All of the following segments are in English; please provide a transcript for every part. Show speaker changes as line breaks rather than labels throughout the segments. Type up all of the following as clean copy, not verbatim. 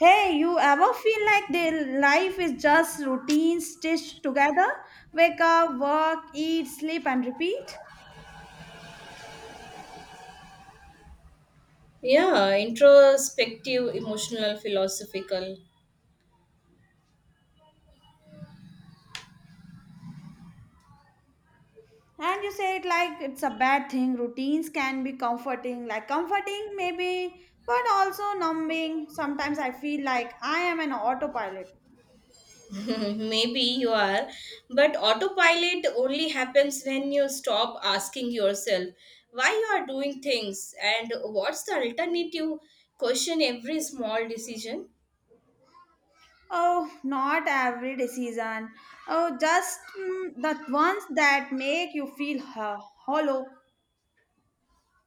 Hey, you ever feel like the life is just routine stitched together? Wake up, work, eat, sleep, and repeat?
Yeah, introspective, emotional, philosophical.
And you say it like it's a bad thing. Routines can be comforting, like comforting maybe, but also numbing. Sometimes I feel like I am an autopilot.
Maybe you are, but autopilot only happens when you stop asking yourself why you are doing things and what's the alternative. Question every small decision.
Oh, not every decision. Oh, just the ones that make you feel hollow.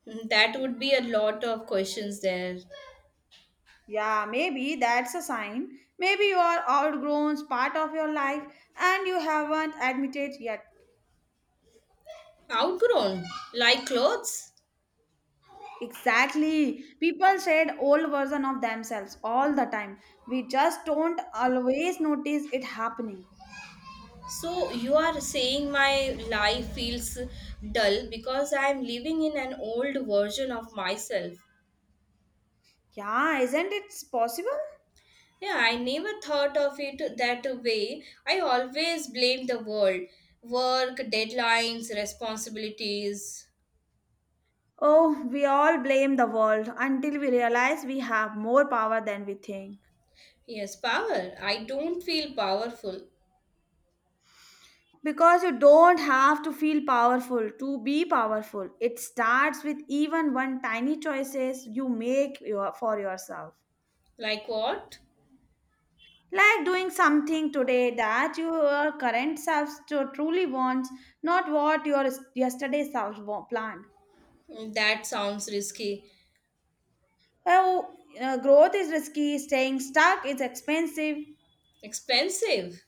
Hmm, that would be a lot of questions there.
Yeah, maybe that's a sign. Maybe you are outgrown part of your life and you haven't admitted yet.
Outgrown, like clothes.
Exactly. People shed old version of themselves all the time. We just don't always notice it happening.
So you are saying my life feels dull because I am living in an old version of myself.
Yeah, isn't it possible?
Yeah, I never thought of it that way. I always blame the world. Work, deadlines, responsibilities.
Oh, we all blame the world until we realize we have more power than we think.
Yes, power. I don't feel powerful.
Because you don't have to feel powerful to be powerful. It starts with even one tiny choices you make your, for yourself.
Like what?
Like doing something today that your current self truly wants, not what your yesterday self planned.
Mm, that sounds risky.
Oh, growth is risky, staying stuck is expensive.
Expensive.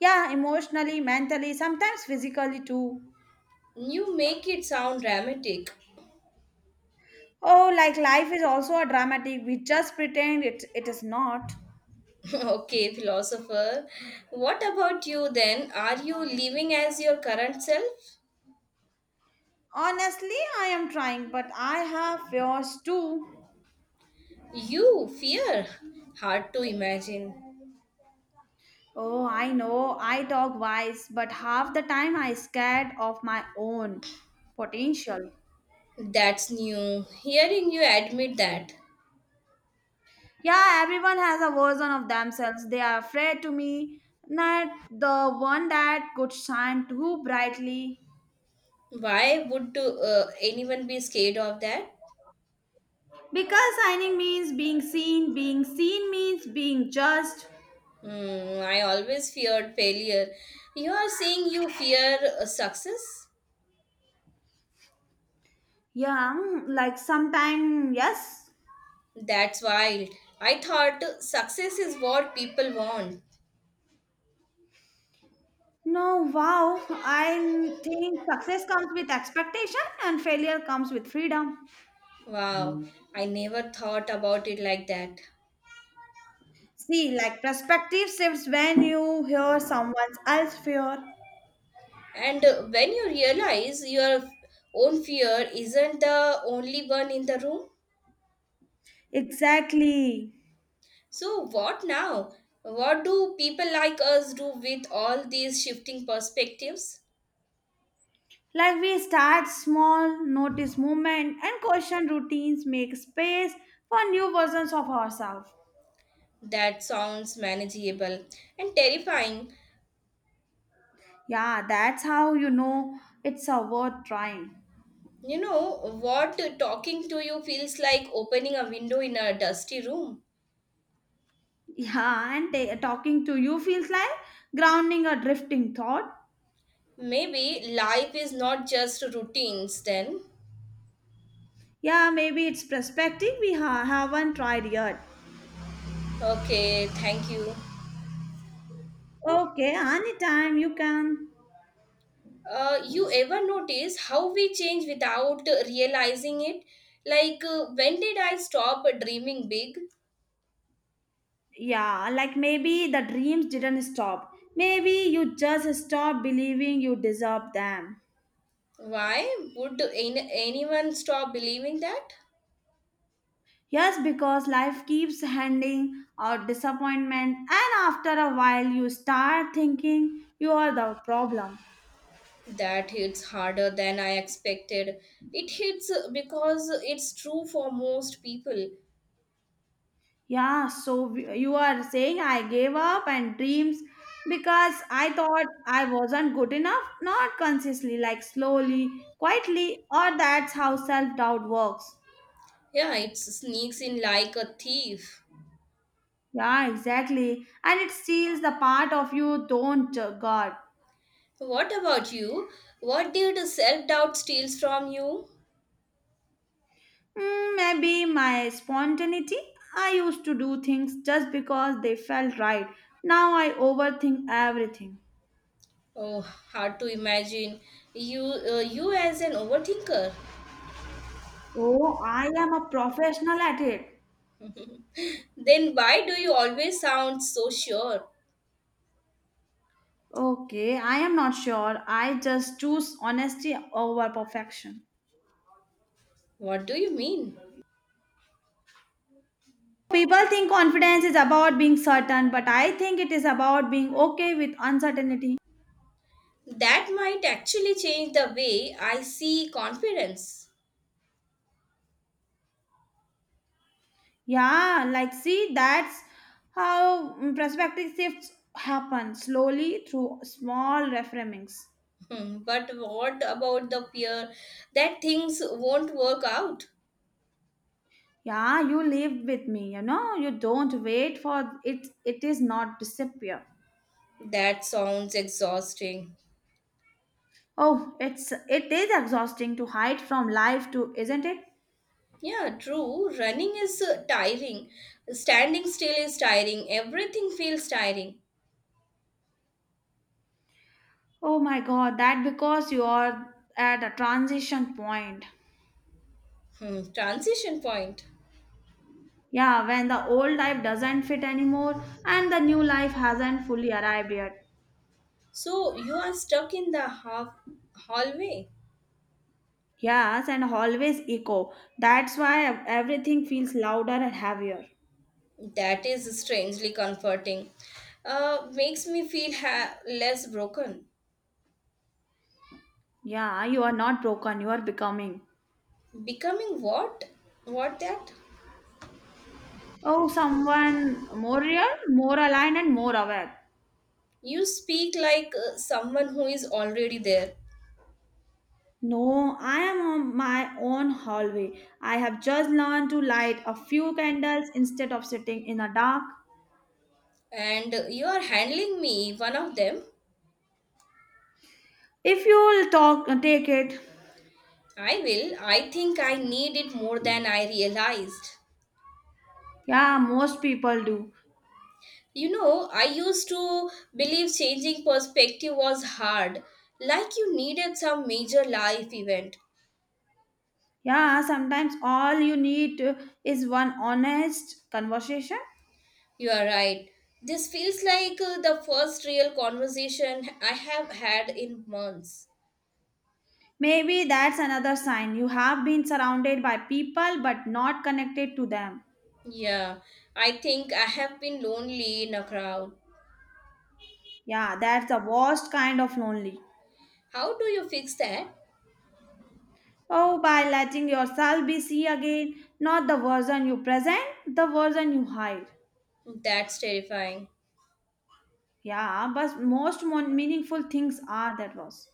Yeah, emotionally, mentally, sometimes physically too.
You make it sound dramatic.
Oh, like life is also a dramatic, we just pretend it is not.
Okay, philosopher. What about you then? Are you living as your current self?
Honestly, I am trying, but I have fears too.
You, fear. Hard to imagine.
Oh, I know, I talk wise, but half the time I scared of my own potential.
That's new. Hearing you admit that.
Yeah, everyone has a version of themselves. They are afraid to me, not the one that could shine too brightly.
Why would anyone be scared of that?
Because shining means being seen means being judged.
Hmm, I always feared failure. You are saying you fear success?
Yeah, like sometime, yes,
That's wild. I thought success is what people want.
no, wow. I think success comes with expectation and failure comes with freedom.
Wow, I never thought about it like that.
See, like perspective shifts when you hear someone else fear.
And when you realize your own fear isn't the only one in the room.
Exactly.
So, what now? What do people like us do with all these shifting perspectives?
Like we start small, notice movement, and question routines, make space for new versions of ourselves.
That sounds manageable and terrifying.
Yeah, that's how you know it's a worth trying.
You know, what talking to you feels like opening a window in a dusty room.
Yeah, and talking to you feels like grounding a drifting thought.
Maybe life is not just routines then.
Yeah, maybe it's perspective we haven't tried yet.
Okay, thank you.
Okay, anytime you can.
You ever notice how we change without realizing it? Like, when did I stop dreaming big?
Yeah, like maybe the dreams didn't stop. Maybe you just stopped believing you deserve them.
Why would anyone stop believing that?
Yes, because life keeps handing out disappointment, and after a while, you start thinking you are the problem.
That hits harder than I expected. It hits because it's true for most people.
Yeah, so you are saying I gave up and dreams because I thought I wasn't good enough, not consciously, like slowly, quietly, or that's how self doubt works.
Yeah, it sneaks in like a thief.
Yeah, exactly. And it steals the part of you don't guard.
What about you? What did self doubt steals from you?
Mm, maybe my spontaneity. I used to do things just because they felt right. Now I overthink everything.
Oh, hard to imagine. You, you as an overthinker.
Oh, I am a professional at it.
Then why do you always sound so sure?
Okay, I am not sure. I just choose honesty over perfection.
What do you mean?
People think confidence is about being certain, but I think it is about being okay with uncertainty.
That might actually change the way I see confidence.
Yeah, like see, that's how perspective shifts happen slowly through small reframings.
Hmm, but what about the fear that things won't work out?
Yeah, you live with me, you know, you don't wait for it, it is not disappear.
That sounds exhausting.
Oh, it is exhausting to hide from life too, isn't it?
Yeah, true. Running is tiring. Standing still is tiring. Everything feels tiring.
Oh my god, that because you are at a transition point.
Hmm, transition point.
Yeah, when the old life doesn't fit anymore and the new life hasn't fully arrived yet.
So you are stuck in the half hallway.
Yes, and always echo. That's why everything feels louder and heavier.
That is strangely comforting. Makes me feel less broken.
Yeah, you are not broken, you are becoming.
Becoming what? What that?
Oh, someone more real, more aligned, and more aware.
You speak like someone who is already there,
No, I am on my own hallway. I have just learned to light a few candles instead of sitting in the dark.
and you are handling me, one of them.
If you'll talk, take it.
I will. I think I need it more than I realized.
Yeah, most people do.
You know, I used to believe changing perspective was hard, like you needed some major life event.
Yeah, sometimes all you need is one honest conversation.
You are right. This feels like the first real conversation I have had in months.
Maybe that's another sign. You have been surrounded by people but not connected to them.
Yeah, I think I have been lonely in a crowd.
Yeah, that's the worst kind of lonely.
How do you fix that?
Oh, by letting yourself be seen again, not the version you present, the version you hide.
That's terrifying.
Yeah, but most meaningful things are that was.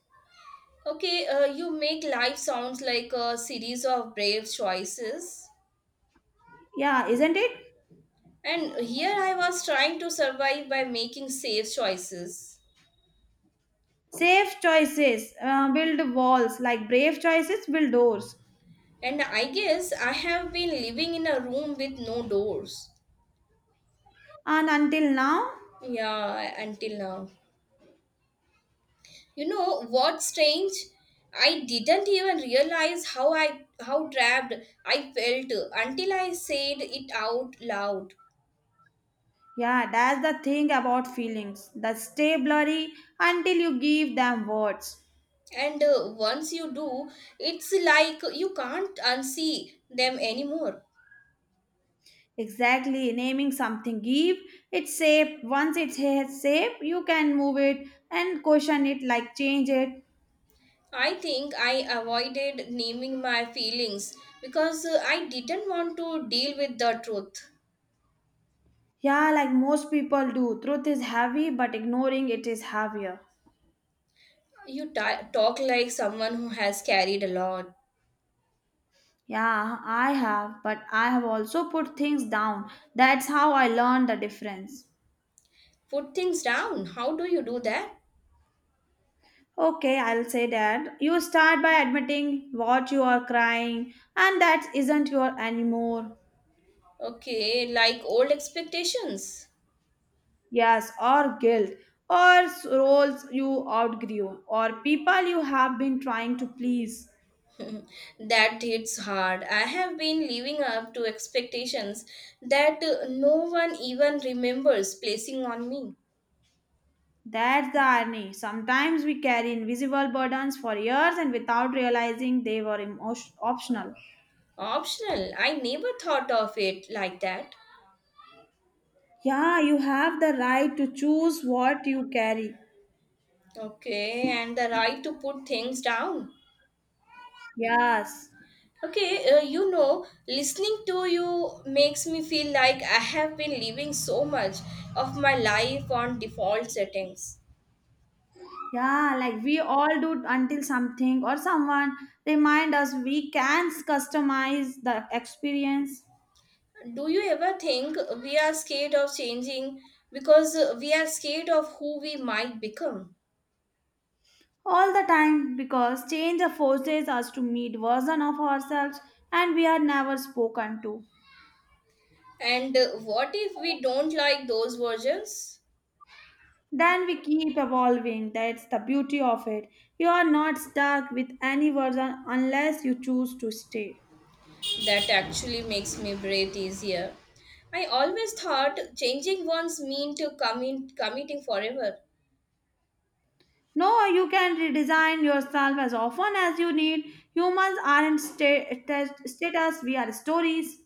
Okay, you make life sounds like a series of brave choices.
Yeah, isn't it?
And here I was trying to survive by making safe choices.
Safe choices build walls, like brave choices build doors.
And I guess I have been living in a room with no doors.
And until now,
Yeah, until now. You know what's strange? I didn't even realize how trapped I felt until I said it out loud.
yeah, that's the thing about feelings. They stay blurry until you give them words.
And once you do, it's like you can't unsee them anymore.
Exactly, naming something give it shape. Once it has shape, you can move it and question it, like change it.
I think I avoided naming my feelings because I didn't want to deal with the truth.
Yeah, like most people do. Truth is heavy, but ignoring it is heavier.
You ta talk like someone who has carried a lot.
Yeah, I have, but I have also put things down. That's how I learned the difference.
Put things down. How do you do that?
Okay, I'll say that. You start by admitting what you are crying and that isn't your anymore.
Okay, like old expectations.
Yes, or guilt, or roles you outgrew, or people you have been trying to please.
That hits hard. I have been living up to expectations that no one even remembers placing on me.
That's the irony. Sometimes we carry invisible burdens for years and without realizing they were optional.
Optional. I never thought of it like that.
Yeah, you have the right to choose what you carry.
Okay, and the right to put things down.
Yes.
Okay, you know, listening to you makes me feel like I have been living so much of my life on default settings.
Yeah, like we all do until something or someone remind us we can customize the experience
Do you ever think we are scared of changing because we are scared of who we might become?
all the time because change forces us to meet version of ourselves and we are never spoken to.
And what if we don't like those versions?
Then we keep evolving. That's the beauty of it. You are not stuck with any version unless you choose to stay.
That actually makes me breathe easier. I always thought changing ones mean to committing forever.
No, you can redesign yourself as often as you need. Humans aren't status, we are stories.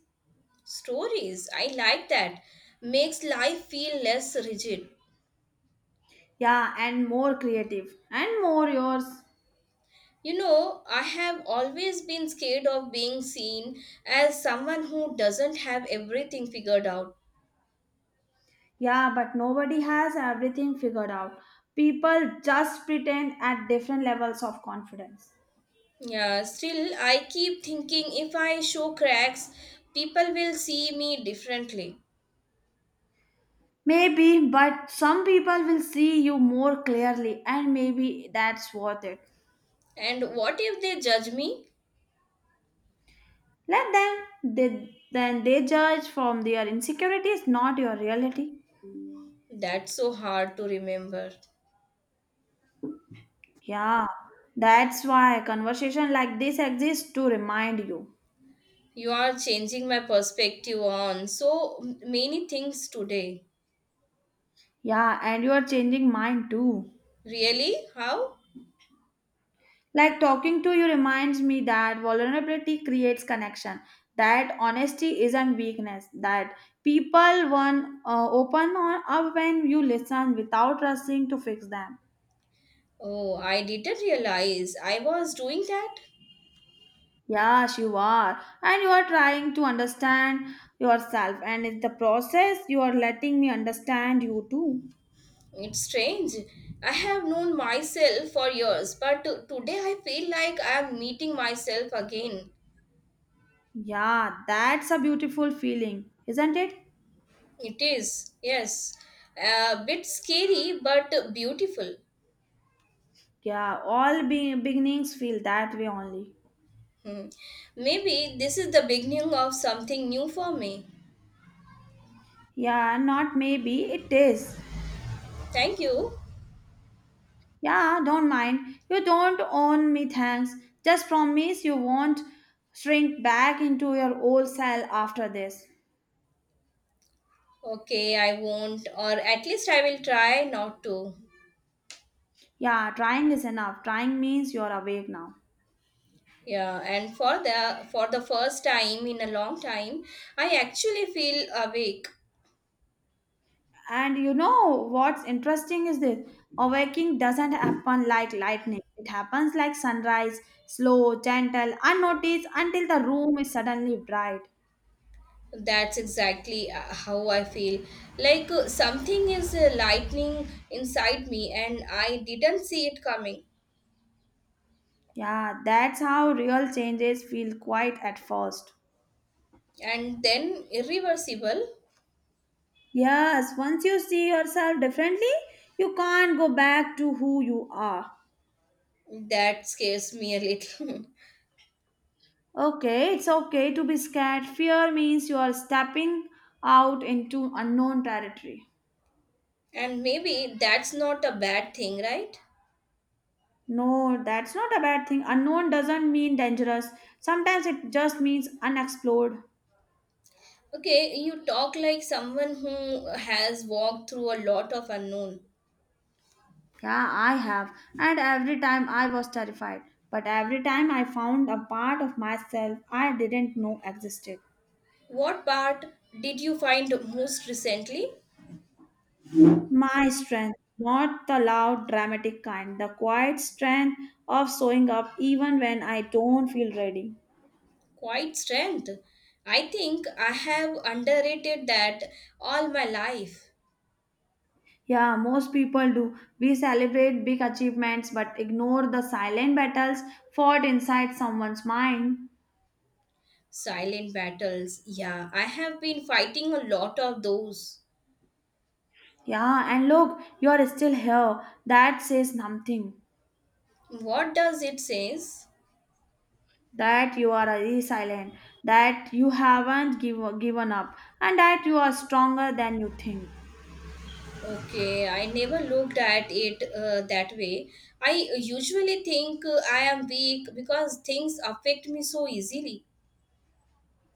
Stories, I like that. Makes life feel less rigid.
Yeah, and more creative and more yours.
You know, I have always been scared of being seen as someone who doesn't have everything figured out.
Yeah, but nobody has everything figured out. People just pretend at different levels of confidence.
Yeah, still, I keep thinking if I show cracks, people will see me differently.
Maybe, but some people will see you more clearly, and maybe that's worth it.
And what if they judge me?
Let them, they, then they judge from their insecurities, not your reality.
That's so hard to remember.
Yeah, that's why conversation like this exists to remind you.
You are changing my perspective on so many things today.
Yeah, and you are changing mind too.
Really? How?
Like talking to you reminds me that vulnerability creates connection, that honesty isn't weakness, that people one open on up when you listen without rushing to fix them.
Oh, I didn't realize I was doing that.
Yes, you are, and you are trying to understand yourself, and in the process, you are letting me understand you too.
It's strange. I have known myself for years, but today I feel like I am meeting myself again.
Yeah, that's a beautiful feeling, isn't it?
It is, yes. A bit scary but beautiful.
Yeah, all beginnings feel that way only.
Hmm. Maybe this is the beginning of something new for me.
Yeah, not maybe, it is.
Thank you.
Yeah, don't mind. You don't own me, thanks. Just promise you won't shrink back into your old self after this.
Okay, I won't, or at least I will try not to.
Yeah, trying is enough. Trying means you're awake now.
Yeah, and for the first time in a long time, I actually feel awake.
And you know what's interesting is this awaking doesn't happen like lightning, it happens like sunrise, slow, gentle, unnoticed until the room is suddenly bright.
That's exactly how I feel. Like something is lightning inside me, and I didn't see it coming
Yeah, that's how real changes feel quiet at first.
and then irreversible.
Yes, once you see yourself differently, you can't go back to who you are.
That scares me a little.
Okay, it's okay to be scared. Fear means you are stepping out into unknown territory.
And maybe that's not a bad thing, right?
No, that's not a bad thing. Unknown doesn't mean dangerous. Sometimes it just means unexplored.
Okay, you talk like someone who has walked through a lot of unknown.
Yeah, I have. And every time I was terrified. But every time I found a part of myself I didn't know existed.
What part did you find most recently?
My strength, not the loud, dramatic kind, the quiet strength of showing up even when I don't feel ready.
Quite strength. I think I have underrated that all my life.
Yeah, most people do. We celebrate big achievements but ignore the silent battles fought inside someone's mind.
Silent battles. Yeah, I have been fighting a lot of those.
Yeah, and look, you are still here. That says something.
What does it says?
That you are resilient, that you haven't give, given up, and that you are stronger than you think.
Okay, I never looked at it that way. I usually think I am weak because things affect me so easily.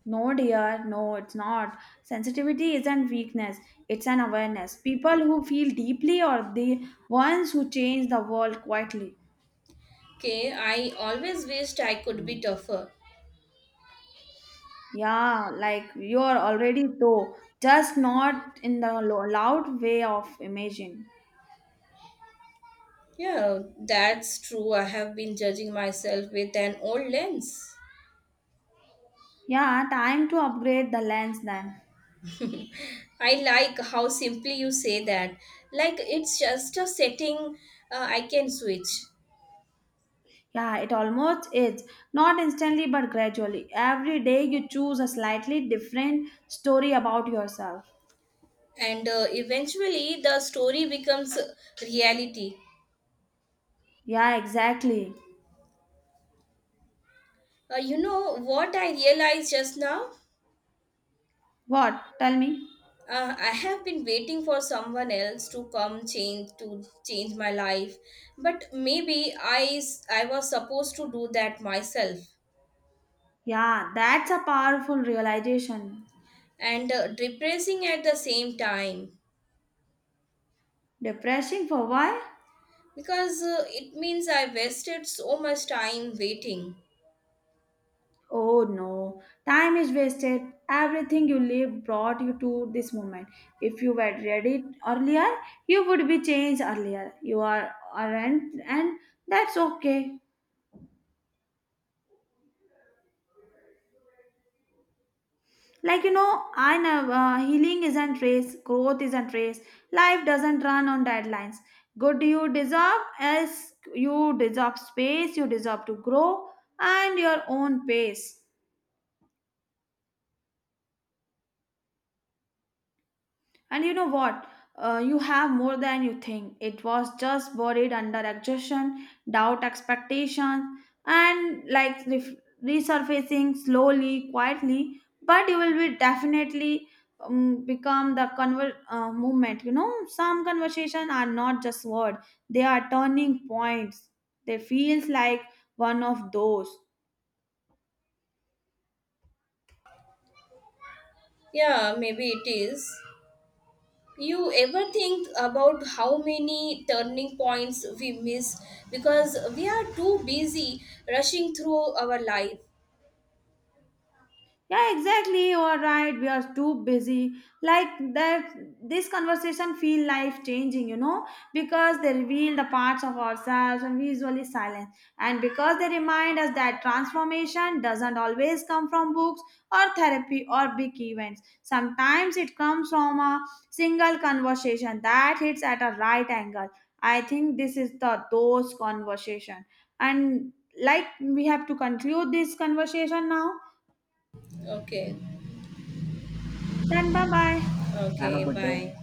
No, dear, no, it's not. Sensitivity isn't weakness, it's an awareness. People who feel deeply are the ones who change the world quietly.
Okay, I always wished I could be tougher.
Yeah, like you are already though, just not in the loud way of imaging.
Yeah, that's true. I have been judging myself with an old lens.
Yeah, time to upgrade the lens then.
I like how simply you say that. Like it's just a setting I can switch.
Yeah, it almost is. Not instantly, but gradually. Every day you choose a slightly different story about yourself.
And eventually the story becomes reality.
Yeah, exactly.
You know what I realized just now?
What? Tell me.
I have been waiting for someone else to come change to change my life, but maybe I was supposed to do that myself,
Yeah, that's a powerful realization.
and depressing at the same time
Depressing for why?
because it means I wasted so much time waiting.
Oh no, time is wasted. Everything you lived brought you to this moment. If you were ready earlier, you would be changed earlier. You are aren't, and that's okay. Like you know, I know healing isn't race, growth isn't race. Life doesn't run on deadlines. Good you deserve, as you deserve space. You deserve to grow and your own pace. And you know what? You have more than you think. It was just buried under exhaustion, doubt, expectations, and like resurfacing slowly, quietly. But you will be definitely become the movement. You know, some conversation are not just word; they are turning points. They feels like one of those.
Yeah, maybe it is. You ever think about how many turning points we miss because we are too busy rushing through our life?
Yeah, exactly. You are right. We are too busy. Like that, this conversation feel life changing, you know, because they reveal the parts of ourselves and visually silent. And because they remind us that transformation doesn't always come from books or therapy or big events. Sometimes it comes from a single conversation that hits at a right angle. I think this is the those conversation. And like we have to conclude this conversation now.
Okay,
Then bye bye.
okay, bye.